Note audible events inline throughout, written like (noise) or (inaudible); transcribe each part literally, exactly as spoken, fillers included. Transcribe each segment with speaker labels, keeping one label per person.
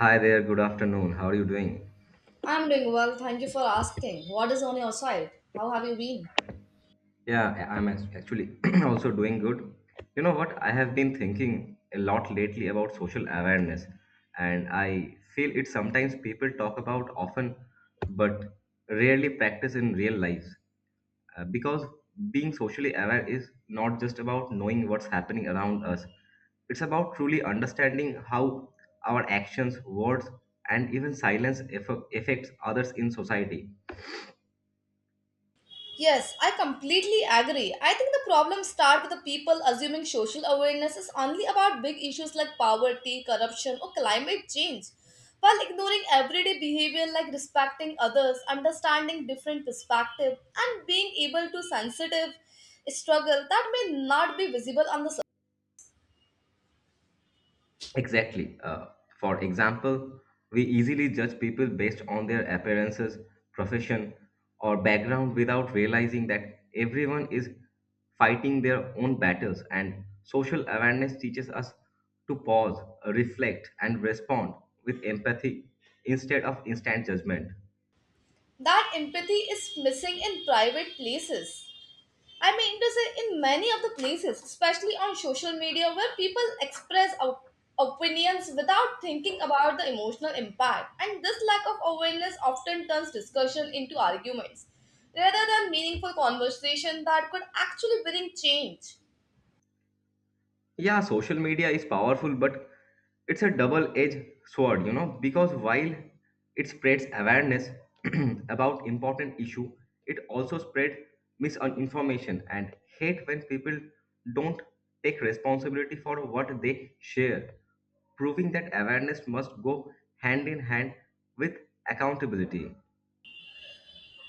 Speaker 1: Hi there, good afternoon. How are you doing?
Speaker 2: I'm doing well, thank you for asking. What is on your side? How have you been?
Speaker 1: Yeah, I- I'm ac- actually (clears throat) also doing good. You know what? I have been thinking a lot lately about social awareness, and I feel it sometimes people talk about often but rarely practice in real life. Uh, because being socially aware is not just about knowing what's happening around us, it's about truly understanding how our actions, words, and even silence aff- affects others in society.
Speaker 2: Yes, I completely agree. I think the problems start with the people assuming social awareness is only about big issues like poverty, corruption, or climate change, while ignoring everyday behavior like respecting others, understanding different perspectives, and being able to sensitive struggle that may not be visible on the surface.
Speaker 1: Exactly. Uh, for example, we easily judge people based on their appearances, profession, or background without realizing that everyone is fighting their own battles, and social awareness teaches us to pause, reflect, and respond with empathy instead of instant judgment.
Speaker 2: That empathy is missing in private places. I mean to say, in many of the places, especially on social media, where people express op- opinions without thinking about the emotional impact, and this lack of awareness often turns discussion into arguments rather than meaningful conversation that could actually bring change.
Speaker 1: Yeah, social media is powerful, but it's a double edged sword, you know, because while it spreads awareness (clears throat) about important issue, it also spread misinformation and hate when people don't take responsibility for what they share, proving that awareness must go hand in hand with accountability.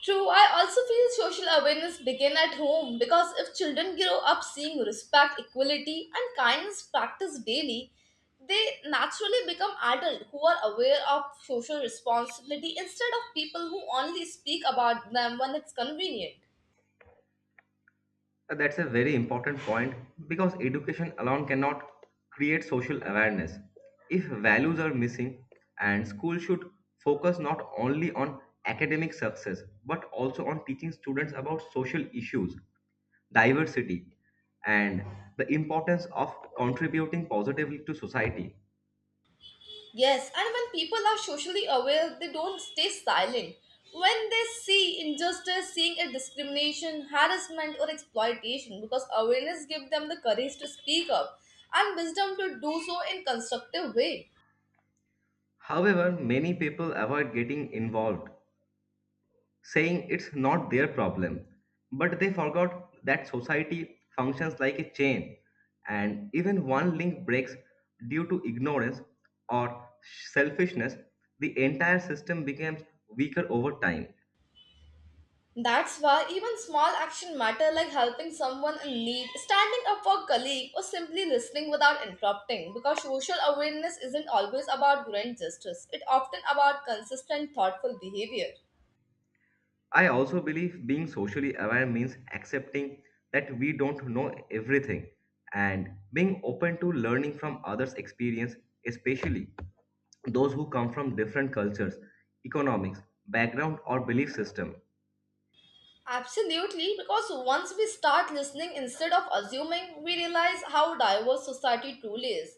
Speaker 2: True, I also feel social awareness begin at home because if children grow up seeing respect, equality, and kindness practiced daily, they naturally become adults who are aware of social responsibility instead of people who only speak about them when it's convenient.
Speaker 1: That's a very important point because education alone cannot create social awareness. If values are missing, and school should focus not only on academic success but also on teaching students about social issues, diversity, and the importance of contributing positively to society.
Speaker 2: Yes, and when people are socially aware, they don't stay silent. When they see injustice, seeing it discrimination, harassment, or exploitation, because awareness gives them the courage to speak up and wisdom to do so in constructive way.
Speaker 1: However, many people avoid getting involved saying it's not their problem. But they forgot that society functions like a chain, and even one link breaks due to ignorance or selfishness, the entire system becomes weaker over time.
Speaker 2: That's why even small action matter like helping someone in need, standing up for a colleague, or simply listening without interrupting. Because social awareness isn't always about grand justice; it often about consistent, thoughtful behavior.
Speaker 1: I also believe being socially aware means accepting that we don't know everything and being open to learning from others' experience, especially those who come from different cultures, economics, background, or belief system.
Speaker 2: Absolutely, because once we start listening instead of assuming, we realize how diverse society truly is.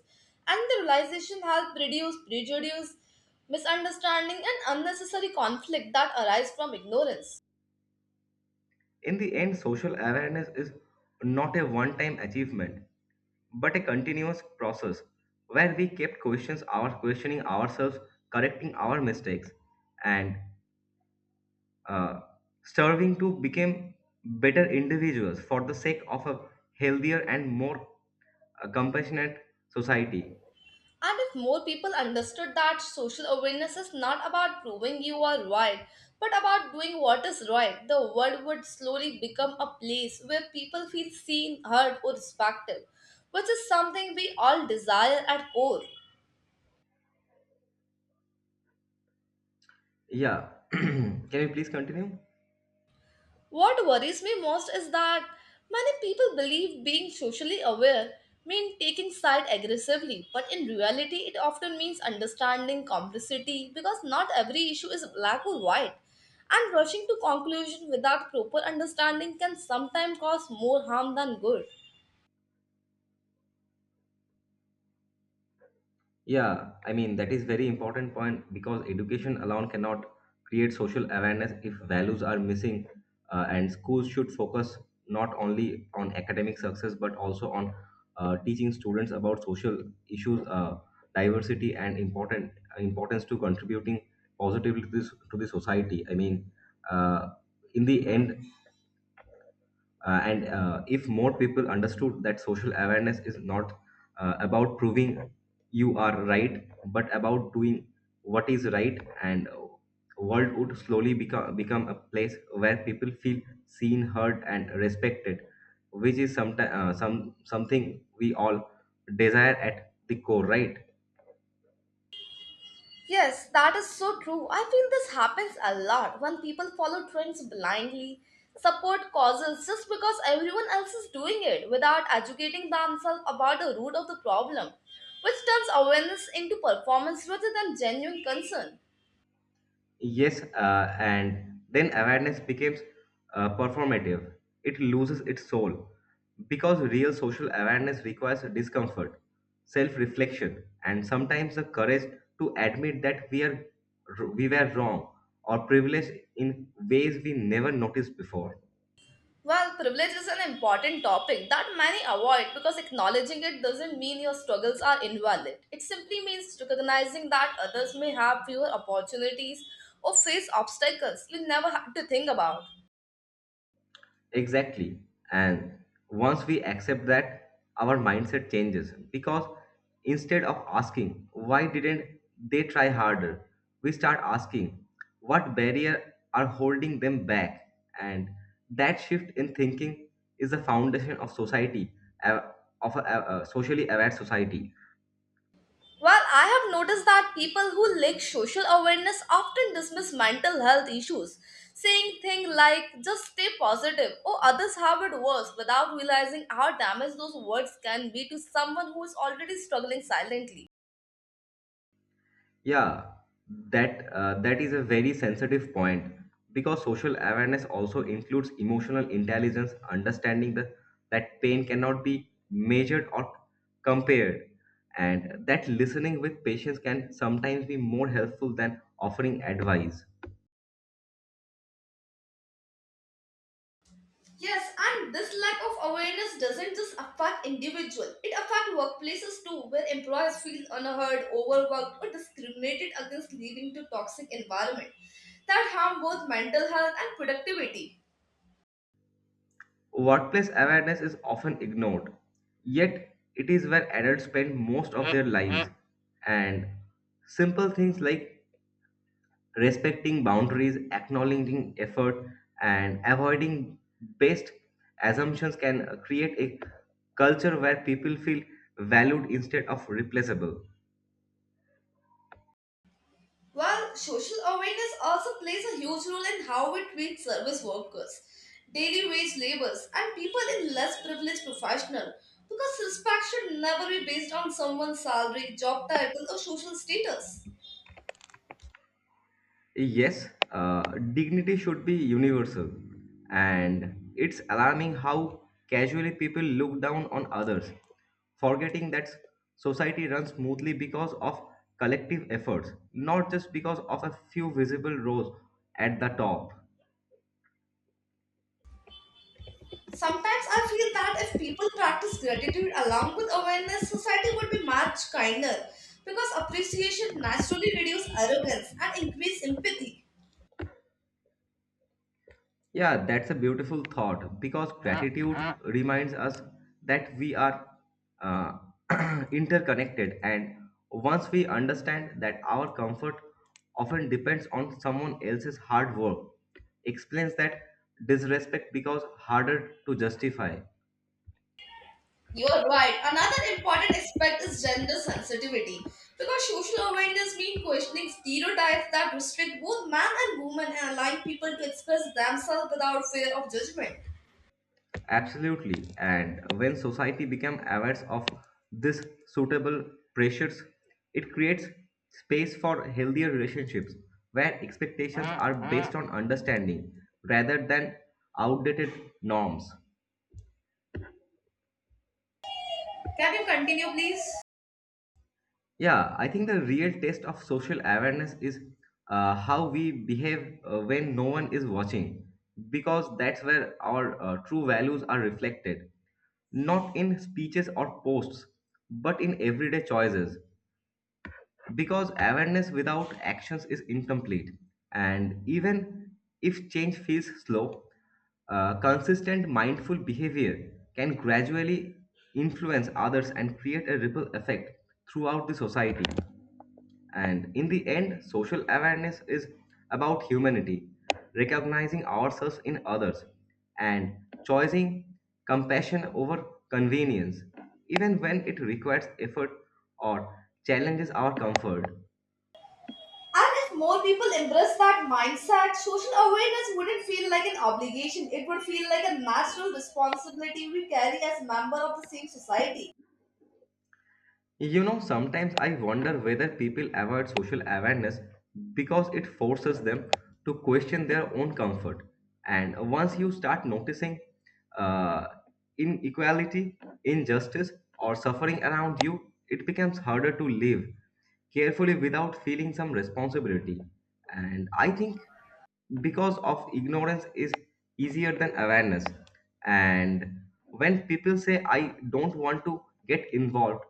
Speaker 2: And the realization helps reduce prejudice, misunderstanding, and unnecessary conflict that arise from ignorance.
Speaker 1: In the end, social awareness is not a one time achievement, but a continuous process where we kept questions our questioning ourselves, correcting our mistakes, and uh, striving to become better individuals for the sake of a healthier and more uh, compassionate society.
Speaker 2: And if more people understood that social awareness is not about proving you are right, but about doing what is right, the world would slowly become a place where people feel seen, heard, or respected, which is something we all desire at core.
Speaker 1: Yeah. (clears throat) Can you please continue?
Speaker 2: What worries me most is that many people believe being socially aware means taking side aggressively, but in reality, it often means understanding complexity because not every issue is black or white. And rushing to conclusion without proper understanding can sometimes cause more harm than good.
Speaker 1: Yeah, I mean that is very important point because education alone cannot create social awareness if values are missing, uh, and schools should focus not only on academic success but also on uh, teaching students about social issues, uh, diversity, and important importance to contributing positively to, this, to the society. I mean, uh, in the end, uh, and uh, if more people understood that social awareness is not uh, about proving you are right, but about doing what is right, and uh, world would slowly become become a place where people feel seen, heard, and respected, which is some, uh, some something we all desire at the core, right?
Speaker 2: Yes, that is so true. I feel this happens a lot when people follow trends blindly, support causes just because everyone else is doing it without educating themselves about the root of the problem, which turns awareness into performance rather than genuine concern.
Speaker 1: Yes, uh, and then awareness becomes uh, performative. It loses its soul because real social awareness requires discomfort, self reflection, and sometimes the courage to admit that we, are, we were wrong or privileged in ways we never noticed before.
Speaker 2: Well, privilege is an important topic that many avoid because acknowledging it doesn't mean your struggles are invalid. It simply means recognizing that others may have fewer opportunities or face obstacles you never had to think about.
Speaker 1: Exactly. And once we accept that, our mindset changes because instead of asking, why didn't they try harder, we start asking, what barrier are holding them back? And that shift in thinking is the foundation of society, uh, of a, a a socially aware society.
Speaker 2: Well, I have noticed that people who lack social awareness often dismiss mental health issues, saying things like just stay positive or others have it worse without realizing how damaged those words can be to someone who is already struggling silently.
Speaker 1: Yeah, that uh, that is a very sensitive point because social awareness also includes emotional intelligence, understanding the, that pain cannot be measured or compared, and that listening with patience can sometimes be more helpful than offering advice.
Speaker 2: Yes, and this lack of awareness doesn't just affect individual. It affects workplaces too, where employees feel unheard, overworked, or discriminated against leading to toxic environment that harm both mental health and productivity.
Speaker 1: Workplace awareness is often ignored, yet it is where adults spend most of their lives, and simple things like respecting boundaries, acknowledging effort, and avoiding based assumptions can uh, create a culture where people feel valued instead of replaceable.
Speaker 2: While social awareness also plays a huge role in how we treat service workers, daily wage laborers, and people in less privileged professionals. Because respect should never be based on someone's salary, job title, or social status.
Speaker 1: Yes, uh, dignity should be universal, and it's alarming how casually people look down on others, forgetting that society runs smoothly because of collective efforts, not just because of a few visible roles at the top.
Speaker 2: Sometimes I feel that if people practice gratitude along with awareness, society would be much kinder because appreciation naturally reduces arrogance and increases empathy.
Speaker 1: Yeah, that's a beautiful thought because gratitude reminds us that we are uh, (clears throat) interconnected. And once we understand that our comfort often depends on someone else's hard work, explains that disrespect becomes harder to justify.
Speaker 2: You're right. Another important aspect is gender sensitivity. Because social awareness means questioning stereotypes that restrict both men and women and allowing people to express themselves without fear of judgment.
Speaker 1: Absolutely. And when society becomes aware of this suitable pressures, it creates space for healthier relationships where expectations are based on understanding rather than outdated norms.
Speaker 2: Can you continue, please?
Speaker 1: Yeah, I think the real test of social awareness is uh, how we behave uh, when no one is watching, because that's where our uh, true values are reflected, not in speeches or posts, but in everyday choices because awareness without actions is incomplete, and even if change feels slow, uh, consistent mindful behavior can gradually influence others and create a ripple effect throughout the society. And in the end, social awareness is about humanity, recognizing ourselves in others, and choosing compassion over convenience, even when it requires effort or challenges our comfort.
Speaker 2: And if more people embrace that mindset, social awareness wouldn't feel like an obligation. It would feel like a natural responsibility we carry as members of the same society.
Speaker 1: You know, sometimes I wonder whether people avoid social awareness because it forces them to question their own comfort. And once you start noticing uh, inequality, injustice, or suffering around you, it becomes harder to live carefully without feeling some responsibility. And I think because of ignorance is easier than awareness. And when people say, I don't want to get involved,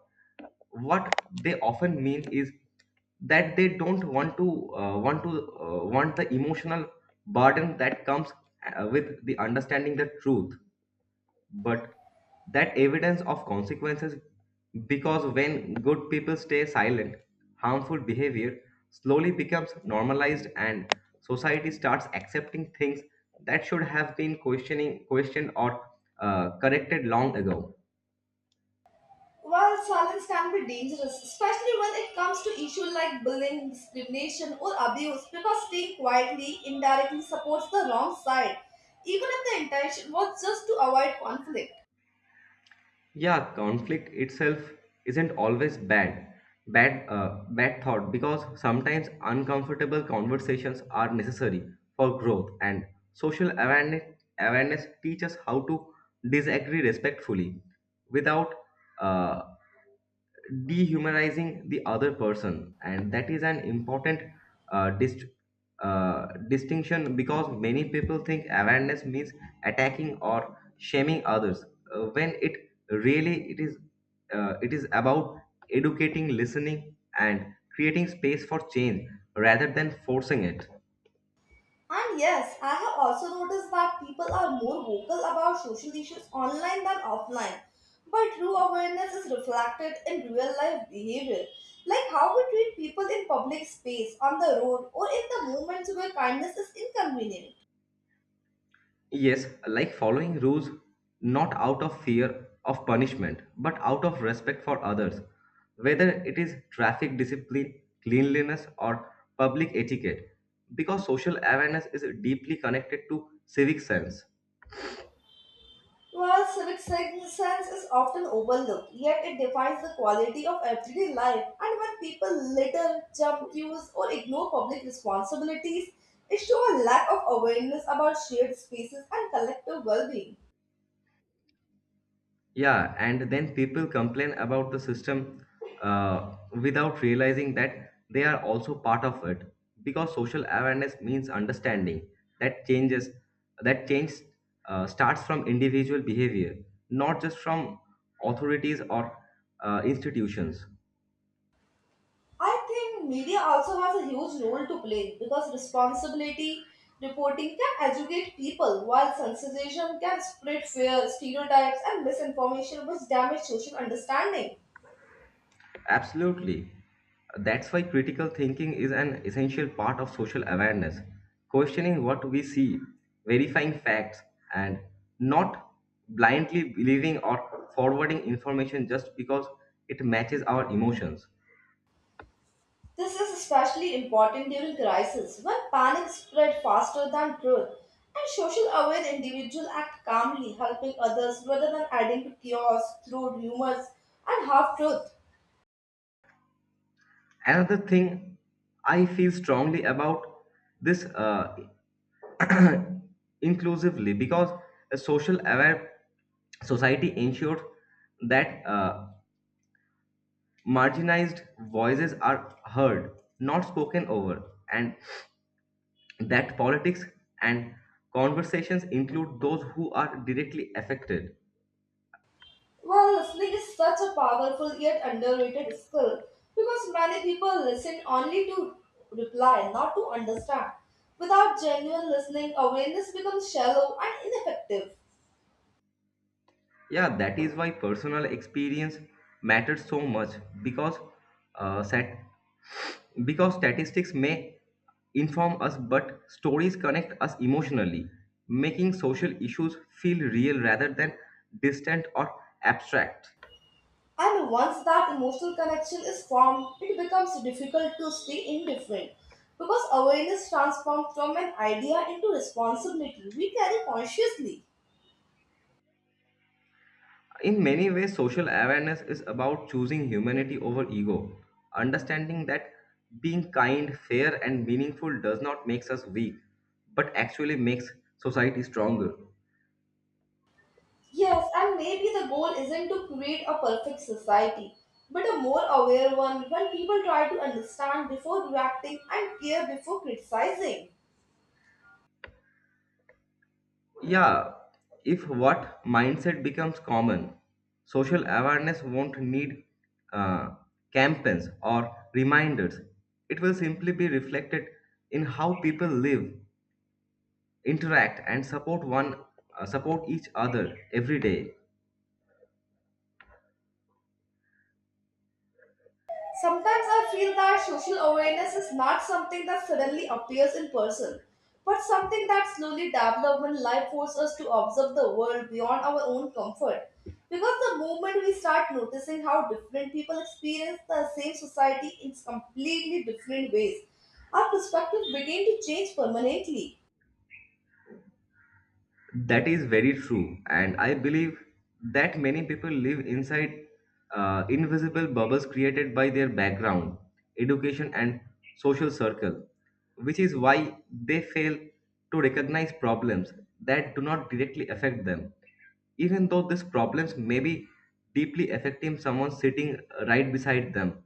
Speaker 1: what they often mean is that they don't want to uh, want to uh, want the emotional burden that comes uh, with the understanding the truth, but that evidence of consequences because when good people stay silent, harmful behavior slowly becomes normalized and society starts accepting things that should have been questioning questioned or uh, corrected long ago.
Speaker 2: While silence can be dangerous, especially when it comes to issues like bullying, discrimination, or abuse, because staying quietly indirectly supports the wrong side, even if the intention was just to avoid conflict.
Speaker 1: Yeah, conflict itself isn't always bad bad uh, bad thought because sometimes uncomfortable conversations are necessary for growth, and social awareness awareness teaches how to disagree respectfully without uh, dehumanizing the other person, and that is an important uh, dist- uh, distinction because many people think awareness means attacking or shaming others, uh, when it really it is uh, it is about educating, listening, and creating space for change rather than forcing it.
Speaker 2: And yes, I have also noticed that people are more vocal about social issues online than offline, but true awareness is reflected in real life behavior, like how we treat people in public space, on the road, or in the moments where kindness is inconvenient.
Speaker 1: Yes, like following rules not out of fear of punishment, but out of respect for others, whether it is traffic discipline, cleanliness, or public etiquette, because social awareness is deeply connected to civic sense.
Speaker 2: Well, civic sen- sense is often overlooked, yet it defines the quality of everyday life. And when people litter, jump queues, or ignore public responsibilities, it shows a lack of awareness about shared spaces and collective well being.
Speaker 1: Yeah, and then people complain about the system uh, without realizing that they are also part of it because social awareness means understanding that changes that change uh, starts from individual behavior, not just from authorities or uh, institutions.
Speaker 2: I think media also has a huge role to play because responsibility reporting can educate people, while sensitization can spread fear, stereotypes, and misinformation, which damage social understanding.
Speaker 1: Absolutely. That's why critical thinking is an essential part of social awareness. Questioning what we see, verifying facts, and not blindly believing or forwarding information just because it matches our emotions.
Speaker 2: This is especially important during crisis when panic spread faster than truth and social aware individuals act calmly helping others rather than adding to chaos through rumors and half-truth.
Speaker 1: Another thing I feel strongly about this uh, (clears throat) inclusively because a social aware society ensures that uh, marginalized voices are heard, not spoken over, and that politics and conversations include those who are directly affected.
Speaker 2: While listening is such a powerful yet underrated skill because many people listen only to reply, not to understand. Without genuine listening, awareness becomes shallow and ineffective.
Speaker 1: Yeah, that is why personal experience matters so much because uh, stat- because statistics may inform us, but stories connect us emotionally, making social issues feel real rather than distant or abstract.
Speaker 2: And once that emotional connection is formed, it becomes difficult to stay indifferent because awareness transforms from an idea into responsibility we carry consciously.
Speaker 1: In many ways, social awareness is about choosing humanity over ego, understanding that being kind, fair, and meaningful does not makes us weak, but actually makes society stronger.
Speaker 2: Yes, and maybe the goal isn't to create a perfect society, but a more aware one when people try to understand before reacting and care before criticizing.
Speaker 1: Yeah, if what mindset becomes common, social awareness won't need uh, campaigns or reminders. It will simply be reflected in how people live, interact, and support one, uh, support each other every day.
Speaker 2: Sometimes I feel that social awareness is not something that suddenly appears in person, but something that slowly develops when life forces us to observe the world beyond our own comfort. Because the moment we start noticing how different people experience the same society in completely different ways, our perspective begin to change permanently.
Speaker 1: That is very true, and I believe that many people live inside uh, invisible bubbles created by their background, education, and social circle, which is why they fail to recognize problems that do not directly affect them, even though these problems may be deeply affecting someone sitting right beside them.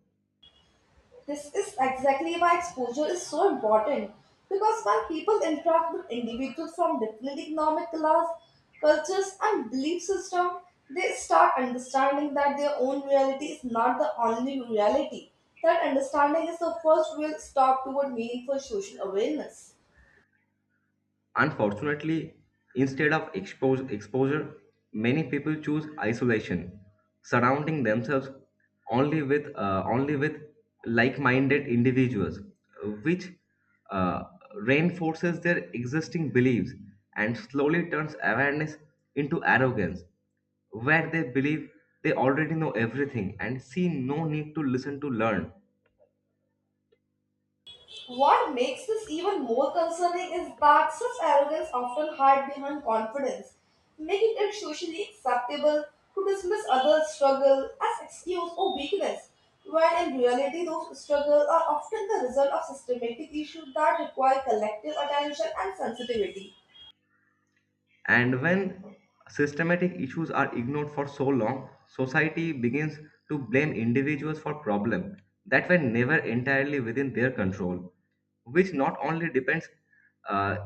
Speaker 2: This is exactly why exposure is so important because when people interact with individuals from different economic class, cultures, and belief system, they start understanding that their own reality is not the only reality. That understanding is the first real step toward meaningful social awareness.
Speaker 1: Unfortunately, instead of expose, exposure, many people choose isolation, surrounding themselves only with uh, only with like-minded individuals, which uh, reinforces their existing beliefs and slowly turns awareness into arrogance, where they believe they already know everything and see no need to listen to learn.
Speaker 2: What makes this even more concerning is that such arrogance often hides behind confidence, making it socially acceptable to dismiss others' struggle as excuse or weakness, when in reality those struggles are often the result of systematic issues that require collective attention and sensitivity.
Speaker 1: And when systematic issues are ignored for so long, society begins to blame individuals for problems that were never entirely within their control, which not only depends uh,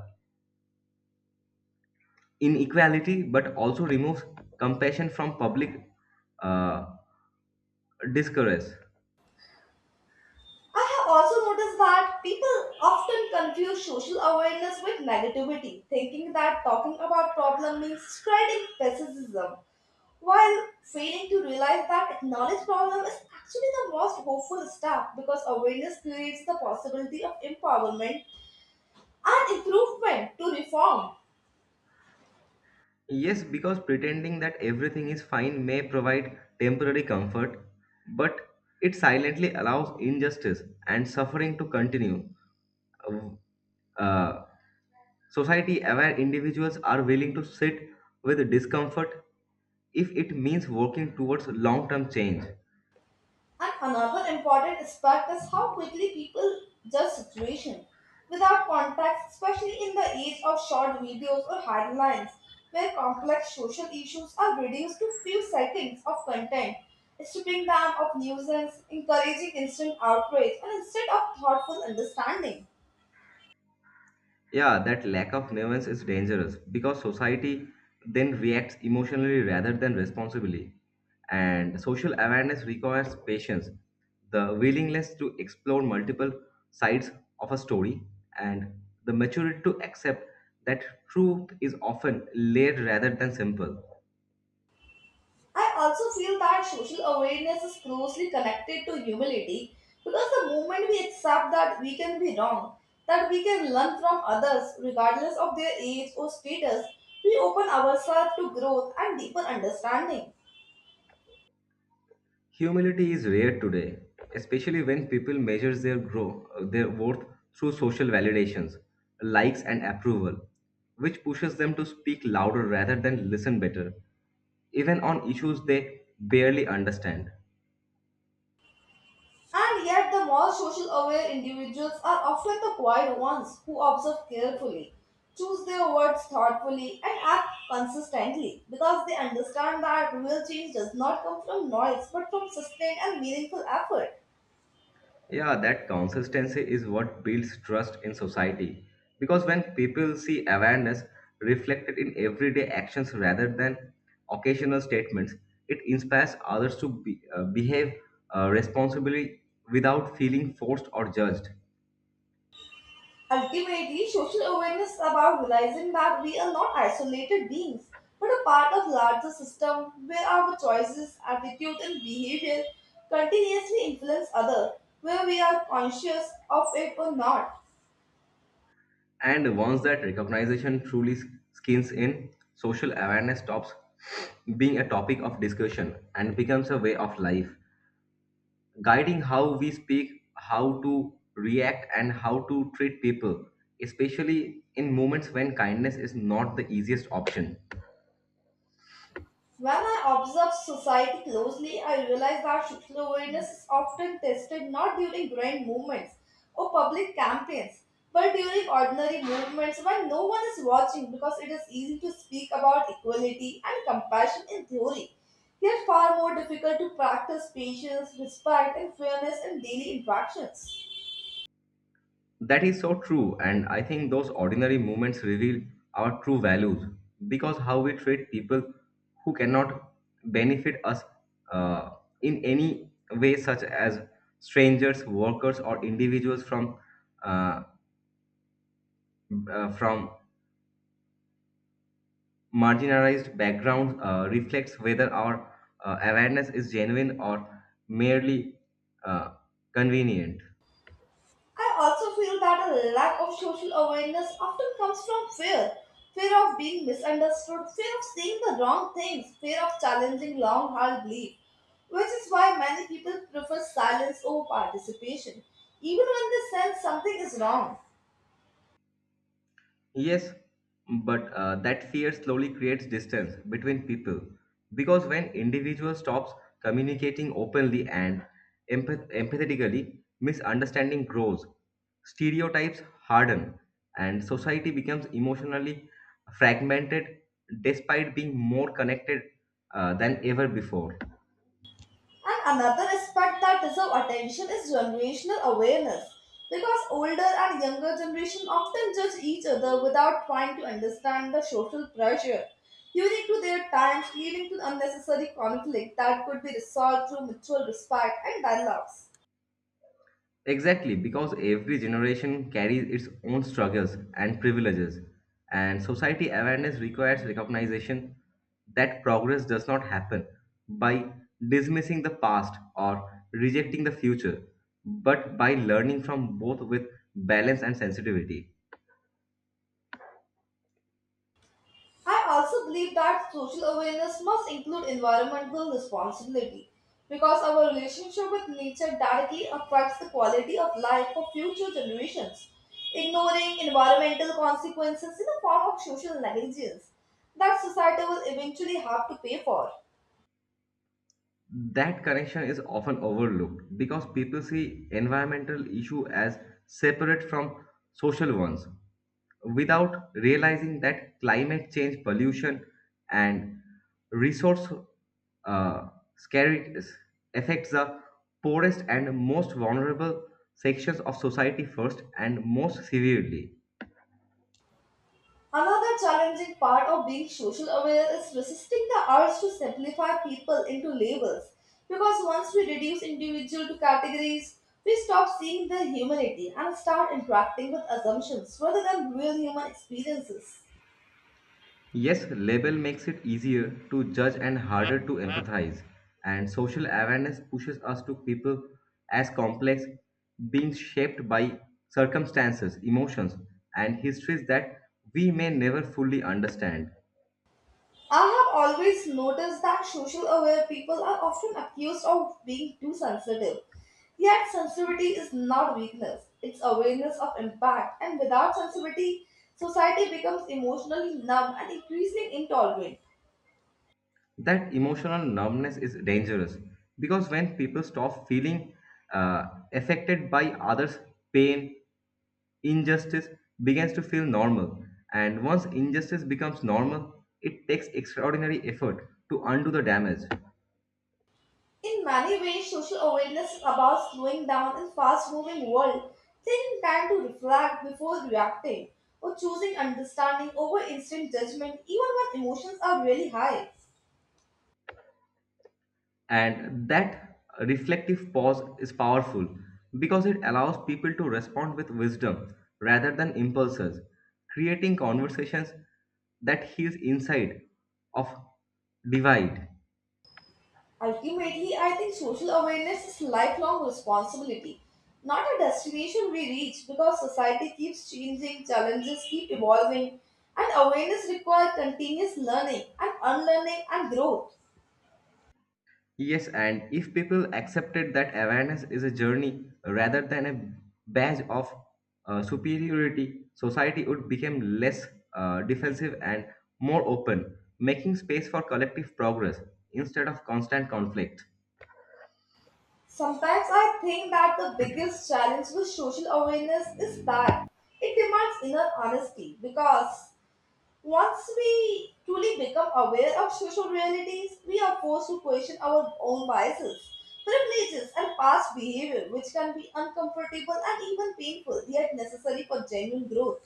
Speaker 1: inequality but also removes compassion from public uh, discourse.
Speaker 2: I have also noticed that people often confuse social awareness with negativity, thinking that talking about problem means spreading pessimism. While failing to realize that knowledge problem is actually the most hopeful step because awareness creates the possibility of empowerment and improvement to reform.
Speaker 1: Yes, because pretending that everything is fine may provide temporary comfort, but it silently allows injustice and suffering to continue. Uh, Society aware individuals are willing to sit with discomfort if it means working towards long term change.
Speaker 2: And another important aspect is how quickly people judge situation without context, especially in the age of short videos or headlines where complex social issues are reduced to few seconds of content, stripping them of nuisance, encouraging instant outrage, and instead of thoughtful understanding.
Speaker 1: Yeah, that lack of nuance is dangerous because society then reacts emotionally rather than responsibly. And social awareness requires patience, the willingness to explore multiple sides of a story, and the maturity to accept that truth is often layered rather than simple.
Speaker 2: I also feel that social awareness is closely connected to humility because the moment we accept that we can be wrong, that we can learn from others regardless of their age or status, we open ourselves to growth and deeper understanding.
Speaker 1: Humility is rare today, especially when people measure their grow uh, their worth through social validations, likes and approval, which pushes them to speak louder rather than listen better, even on issues they barely understand.
Speaker 2: And yet, the more social aware individuals are often the quiet ones who observe carefully, choose their words thoughtfully, and act consistently because they understand that real change does not come from noise but from sustained and meaningful effort.
Speaker 1: Yeah, that consistency is what builds trust in society. Because when people see awareness reflected in everyday actions rather than occasional statements, it inspires others to be, uh, behave uh, responsibly without feeling forced or judged.
Speaker 2: Ultimately, social awareness is about realizing that we are not isolated beings, but a part of larger system where our choices, attitude, and behavior continuously influence others, whether we are conscious of it or not.
Speaker 1: And once that recognition truly s- skins in, social awareness stops being a topic of discussion and becomes a way of life, guiding how we speak, how to react, and how to treat people, especially in moments when kindness is not the easiest option.
Speaker 2: When I observe society closely, I realize that social awareness is often tested not during grand movements or public campaigns, but during ordinary movements when no one is watching because it is easy to speak about equality and compassion in theory, yet far more difficult to practice patience, respect, and fairness in daily interactions.
Speaker 1: That is so true, and I think those ordinary moments reveal our true values, because how we treat people who cannot benefit us uh, in any way, such as strangers, workers, or individuals from uh, uh, from marginalized background uh, reflects whether our uh, awareness is genuine or merely uh, convenient.
Speaker 2: I also feel that a lack of social awareness often comes from fear. Fear of being misunderstood, fear of saying the wrong things, fear of challenging long held belief, which is why many people prefer silence over participation, even when they sense something is wrong.
Speaker 1: Yes, but uh, that fear slowly creates distance between people because when individual stops communicating openly and empath- empathetically, misunderstanding grows, stereotypes harden, and society becomes emotionally fragmented despite being more connected uh, than ever before.
Speaker 2: And another aspect that deserves attention is generational awareness. Because older and younger generation often judge each other without trying to understand the social pressure, unique to their times, leading to unnecessary conflict that could be resolved through mutual respect and dialogues.
Speaker 1: Exactly, because every generation carries its own struggles and privileges, and society awareness requires recognition that progress does not happen by dismissing the past or rejecting the future, but by learning from both with balance and sensitivity.
Speaker 2: I also believe that social awareness must include environmental responsibility because our relationship with nature directly affects the quality of life for future generations. Ignoring environmental consequences is a form of social negligence that society will eventually have to pay for.
Speaker 1: That connection is often overlooked because people see environmental issue as separate from social ones, without realizing that climate change, pollution, and resource uh, scarcity affects the poorest and most vulnerable sections of society first and most severely.
Speaker 2: Another challenging part of being social aware is resisting the urge to simplify people into labels because once we reduce individual to categories, we stop seeing their humanity and start interacting with assumptions rather than real human experiences.
Speaker 1: Yes, label makes it easier to judge and harder to empathize, and social awareness pushes us to people as complex, being shaped by circumstances, emotions, and histories that we may never fully understand.
Speaker 2: I have always noticed that social aware people are often accused of being too sensitive. Yet, sensitivity is not weakness, it's awareness of impact, and without sensitivity, society becomes emotionally numb and increasingly intolerant.
Speaker 1: That emotional numbness is dangerous because when people stop feeling uh, affected by others' pain, injustice begins to feel normal. And once injustice becomes normal, it takes extraordinary effort to undo the damage.
Speaker 2: In many ways, social awareness is about slowing down in fast moving world, taking time to reflect before reacting, or choosing understanding over instant judgment even when emotions are really high.
Speaker 1: And that reflective pause is powerful because it allows people to respond with wisdom rather than impulses, creating conversations that heals inside of divide.
Speaker 2: Ultimately, I think social awareness is lifelong responsibility, not a destination we reach because society keeps changing, challenges keep evolving, and awareness requires continuous learning and unlearning and growth.
Speaker 1: Yes, and if people accepted that awareness is a journey rather than a badge of uh, superiority, society would become less uh, defensive and more open, making space for collective progress instead of constant conflict.
Speaker 2: Sometimes I think that the biggest challenge with social awareness is that it demands inner honesty because once we truly become aware of social realities, we are forced to question our own biases, privileges, and past behavior, which can be uncomfortable and even painful, yet necessary for genuine growth.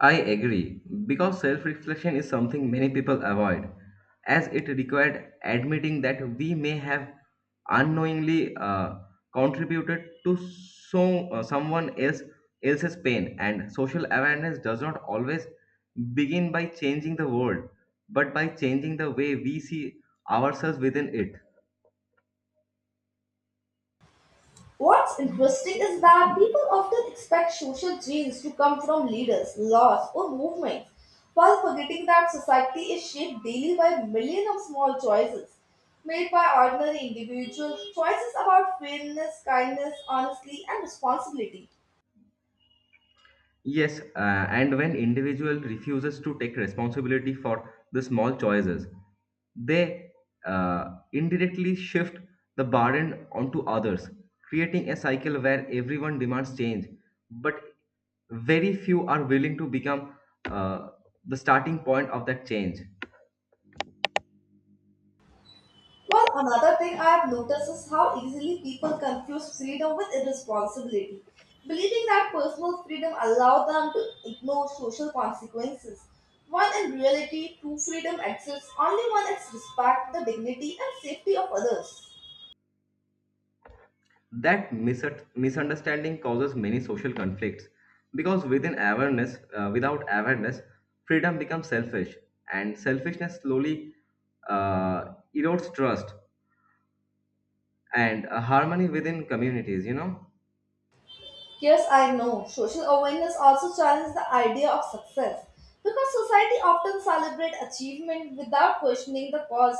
Speaker 1: I agree, because self reflection is something many people avoid, as it required admitting that we may have unknowingly uh, contributed to so, uh, someone else, else's pain. And social awareness does not always begin by changing the world, but by changing the way we see ourselves within it.
Speaker 2: What's interesting is that people often expect social change to come from leaders, laws, or movements, while forgetting that society is shaped daily by millions of small choices made by ordinary individuals, choices about fairness, kindness, honesty, and responsibility.
Speaker 1: Yes, uh, and when individual refuses to take responsibility for the small choices, they uh, indirectly shift the burden onto others, creating a cycle where everyone demands change, but very few are willing to become uh, the starting point of that change.
Speaker 2: Well, another thing I have noticed is how easily people confuse freedom with irresponsibility, believing that personal freedom allows them to ignore social consequences. While in reality, true freedom exists only when it's respect the dignity and safety of others.
Speaker 1: That mis misunderstanding causes many social conflicts because within awareness uh, without awareness freedom becomes selfish and selfishness slowly uh, erodes trust and uh, harmony within communities, you know.
Speaker 2: Yes, I know. Social awareness also challenges the idea of success because society often celebrates achievement without questioning the cost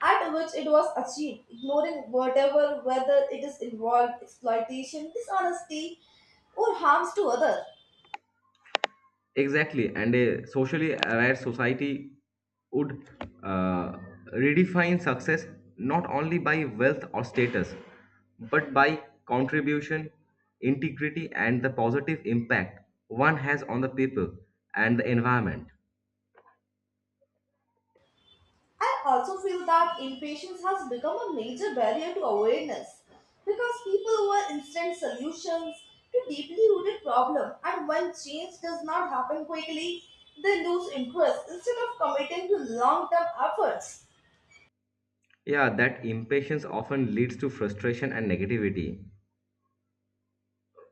Speaker 2: at which it was achieved, ignoring whatever whether it is involved exploitation, dishonesty, or harms to others.
Speaker 1: Exactly, and a socially aware society would uh, redefine success not only by wealth or status, but by contribution, integrity, and the positive impact one has on the people and the environment.
Speaker 2: I also feel that impatience has become a major barrier to awareness because people want instant solutions to deeply rooted problems, and when change does not happen quickly, they lose interest instead of committing to long term efforts.
Speaker 1: Yeah, that impatience often leads to frustration and negativity.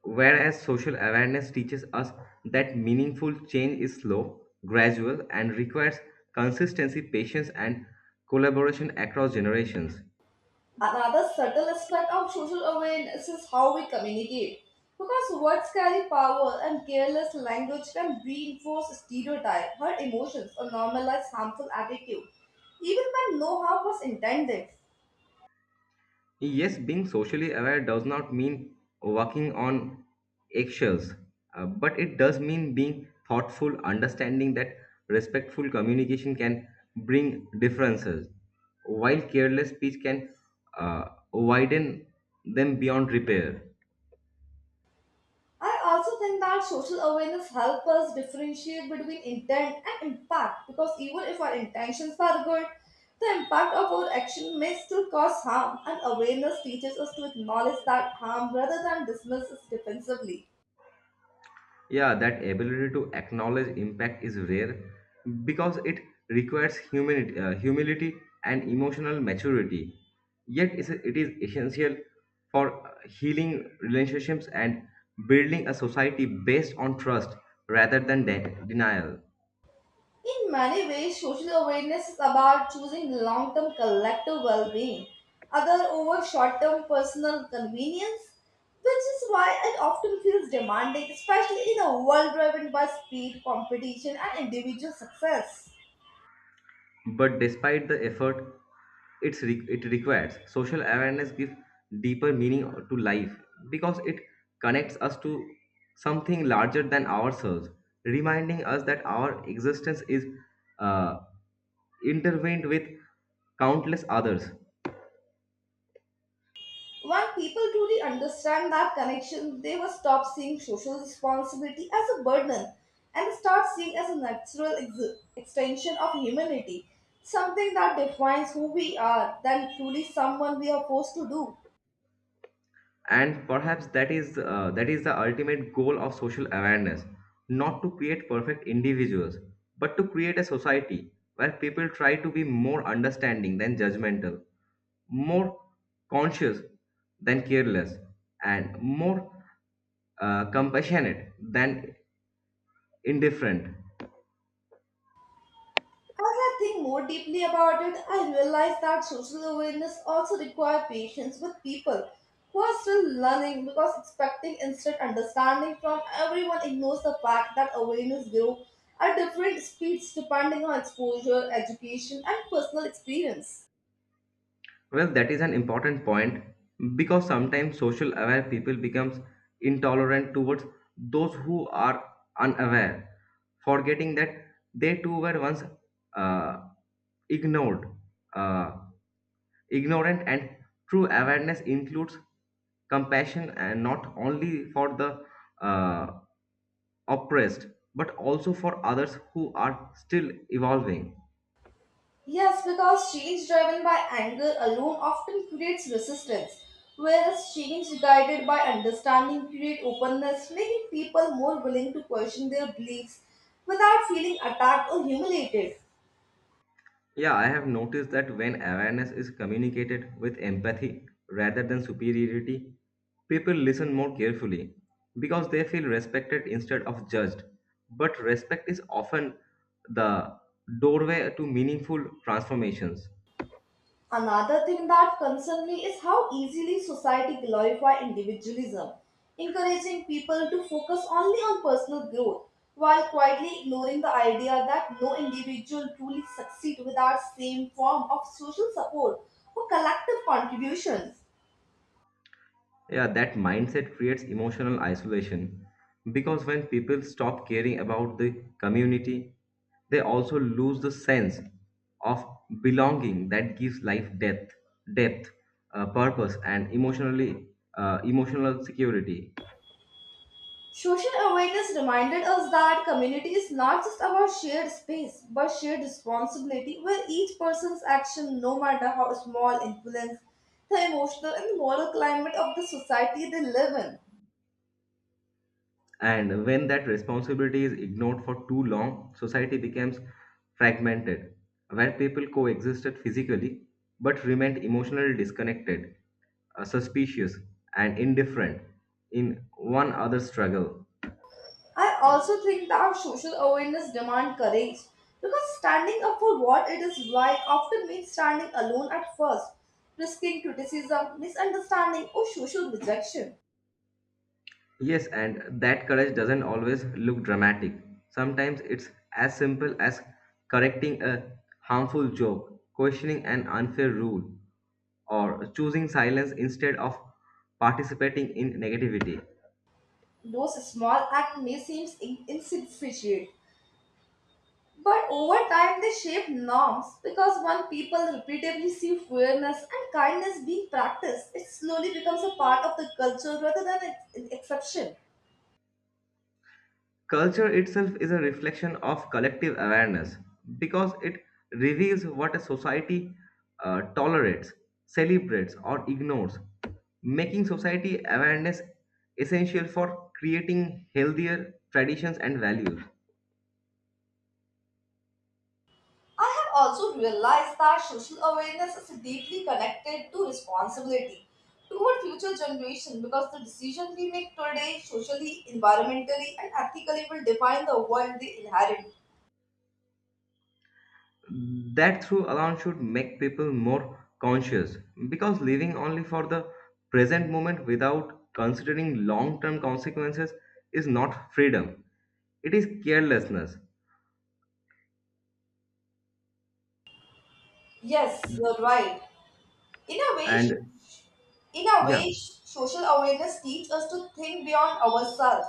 Speaker 1: Whereas social awareness teaches us that meaningful change is slow, gradual, and requires consistency, patience, and collaboration across generations.
Speaker 2: Another subtle aspect of social awareness is how we communicate because words carry power, and careless language can reinforce stereotypes, hurt emotions, or normalize harmful attitude, even when no harm was intended.
Speaker 1: Yes, being socially aware does not mean walking on eggshells, uh, but it does mean being thoughtful, understanding that respectful communication can bring differences, while careless speech can uh, widen them beyond repair.
Speaker 2: I also think that social awareness helps us differentiate between intent and impact because even if our intentions are good, the impact of our action may still cause harm, and awareness teaches us to acknowledge that harm rather than dismiss it defensively.
Speaker 1: Yeah, that ability to acknowledge impact is rare because it requires humility, uh, humility and emotional maturity. Yet is- it is essential for uh, healing relationships and building a society based on trust rather than de- denial.
Speaker 2: In many ways, social awareness is about choosing long term collective well being, other over short term personal convenience, which is why it often feels demanding, especially in a world driven by speed, competition, and individual success.
Speaker 1: But despite the effort it's re- it requires, social awareness gives deeper meaning to life because it connects us to something larger than ourselves, reminding us that our existence is uh, intertwined with countless others.
Speaker 2: When people truly understand that connection, they will stop seeing social responsibility as a burden and start seeing as a natural ex- extension of humanity, something that defines who we are than truly someone we are forced to do.
Speaker 1: And perhaps that is uh, that is the ultimate goal of social awareness, not to create perfect individuals but to create a society where people try to be more understanding than judgmental, more conscious than careless, and more uh, compassionate than indifferent.
Speaker 2: As I think more deeply about it, I realize that social awareness also requires patience with people who are still learning because expecting instant understanding from everyone ignores the fact that awareness grows at different speeds depending on exposure, education, and personal experience.
Speaker 1: Well, that is an important point because sometimes social aware people becomes intolerant towards those who are unaware, forgetting that they too were once uh, ignored, uh, ignorant, and true awareness includes compassion and not only for the uh, oppressed but also for others who are still evolving.
Speaker 2: Yes, because change driven by anger alone often creates resistance, whereas change guided by understanding creates openness, making people more willing to question their beliefs without feeling attacked or humiliated.
Speaker 1: Yeah, I have noticed that when awareness is communicated with empathy rather than superiority, people listen more carefully because they feel respected instead of judged. But respect is often the doorway to meaningful transformations.
Speaker 2: Another thing that concerns me is how easily society glorifies individualism, encouraging people to focus only on personal growth while quietly ignoring the idea that no individual truly succeeds without same form of social support or collective contributions.
Speaker 1: Yeah, that mindset creates emotional isolation because when people stop caring about the community, they also lose the sense of belonging that gives life depth, depth, uh, purpose, and emotionally uh, emotional security.
Speaker 2: Social awareness reminded us that community is not just about shared space but shared responsibility where each person's action, no matter how small, influence the emotional and moral climate of the society they live in.
Speaker 1: And when that responsibility is ignored for too long, society becomes fragmented, where people coexisted physically but remained emotionally disconnected, uh, suspicious, and indifferent in one other struggle.
Speaker 2: I also think that social awareness demands courage because standing up for what it is right often means standing alone at first, risking criticism, misunderstanding, or social rejection.
Speaker 1: Yes, and that courage doesn't always look dramatic. Sometimes it's as simple as correcting a harmful joke, questioning an unfair rule, or choosing silence instead of participating in negativity.
Speaker 2: Those small acts may seem in- insignificant But over time, they shape norms because when people repeatedly see fairness and kindness being practiced, it slowly becomes a part of the culture rather than an an exception.
Speaker 1: Culture itself is a reflection of collective awareness because it reveals what a society uh, tolerates, celebrates, or ignores, making society awareness essential for creating healthier traditions and values.
Speaker 2: I have also realized that social awareness is deeply connected to responsibility toward future generations because the decisions we make today, socially, environmentally, and ethically, will define the world they inherit.
Speaker 1: That through alone should make people more conscious because living only for the present moment without considering long term consequences is not freedom, it is carelessness.
Speaker 2: Yes, you're right. In a way,
Speaker 1: And
Speaker 2: sh- in a
Speaker 1: yeah.
Speaker 2: way, sh- social awareness teaches us to think beyond ourselves,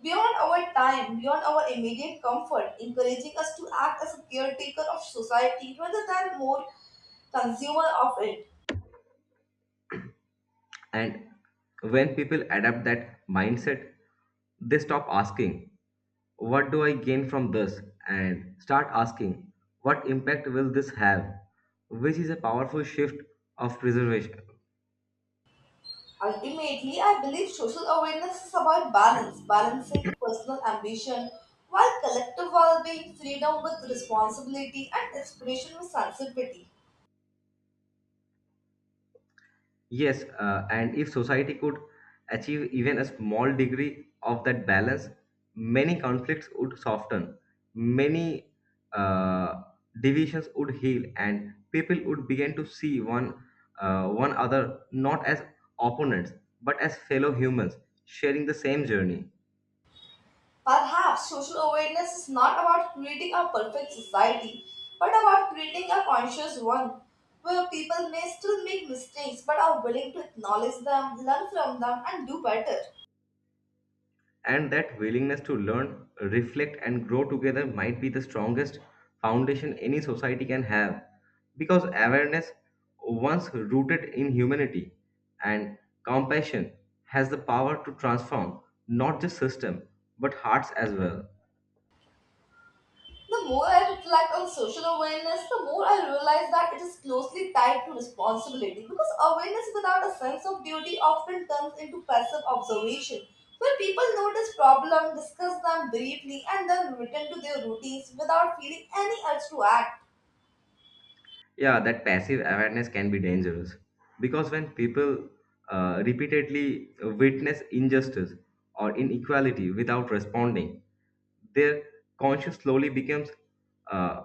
Speaker 2: beyond our time, beyond our immediate comfort, encouraging us to act as a caretaker of society rather than more consumer of it.
Speaker 1: And when people adapt that mindset, they stop asking, "What do I gain from this?" and start asking, "What impact will this have?" Which is a powerful shift of preservation.
Speaker 2: Ultimately, I believe social awareness is about balance, balancing personal ambition while collective well being, freedom with responsibility, and inspiration with sensitivity.
Speaker 1: Yes, uh, and if society could achieve even a small degree of that balance, many conflicts would soften, many uh, divisions would heal, and people would begin to see one uh, one other not as opponents but as fellow humans sharing the same journey.
Speaker 2: Perhaps social awareness is not about creating a perfect society, but about creating a conscious one where people may still make mistakes but are willing to acknowledge them, learn from them, and do better.
Speaker 1: And that willingness to learn, reflect, and grow together might be the strongest foundation any society can have. Because awareness, once rooted in humanity and compassion, has the power to transform not just system but hearts as well.
Speaker 2: The more I reflect on social awareness, the more I realize that it is closely tied to responsibility because awareness without a sense of duty often turns into passive observation, where people notice problems, discuss them briefly, and then return to their routines without feeling any urge to act.
Speaker 1: Yeah, that passive awareness can be dangerous because when people uh, repeatedly witness injustice or inequality without responding, their conscience slowly becomes uh,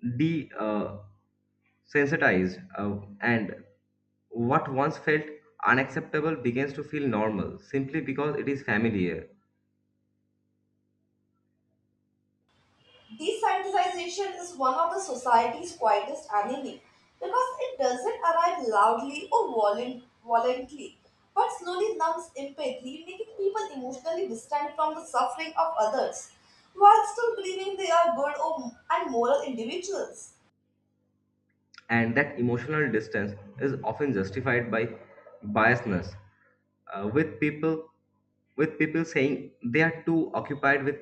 Speaker 1: desensitized, uh, and what once felt unacceptable begins to feel normal simply because it is familiar.
Speaker 2: Descientization is one of the society's quietest enemy because it doesn't arrive loudly or volun- violently, but slowly numbs empathy, making people emotionally distant from the suffering of others, while still believing they are good or and moral individuals.
Speaker 1: And that emotional distance is often justified by biasness, uh, with people with people saying they are too occupied with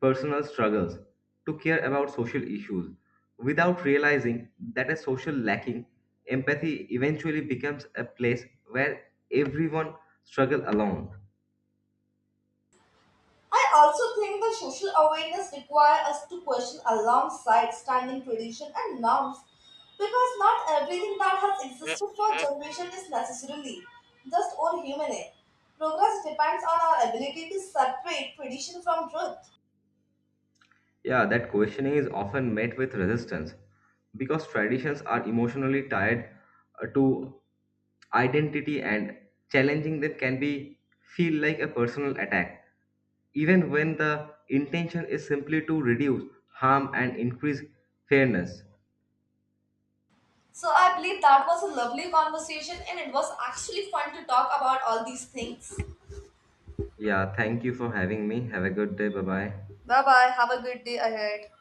Speaker 1: personal struggles to care about social issues without realizing that a social lacking empathy eventually becomes a place where everyone struggles alone.
Speaker 2: I also think that social awareness requires us to question alongside standing tradition and norms because not everything that has existed for generations is necessarily just or human, eh? Progress depends on our ability to separate tradition from truth.
Speaker 1: Yeah, that questioning is often met with resistance because traditions are emotionally tied uh, to identity and challenging them can be feel like a personal attack even when the intention is simply to reduce harm and increase fairness.
Speaker 2: So I believe that was a lovely conversation and it was actually fun to talk about all these things.
Speaker 1: Yeah, thank you for having me. Have a good day. Bye bye.
Speaker 2: Bye bye. Have a good day ahead.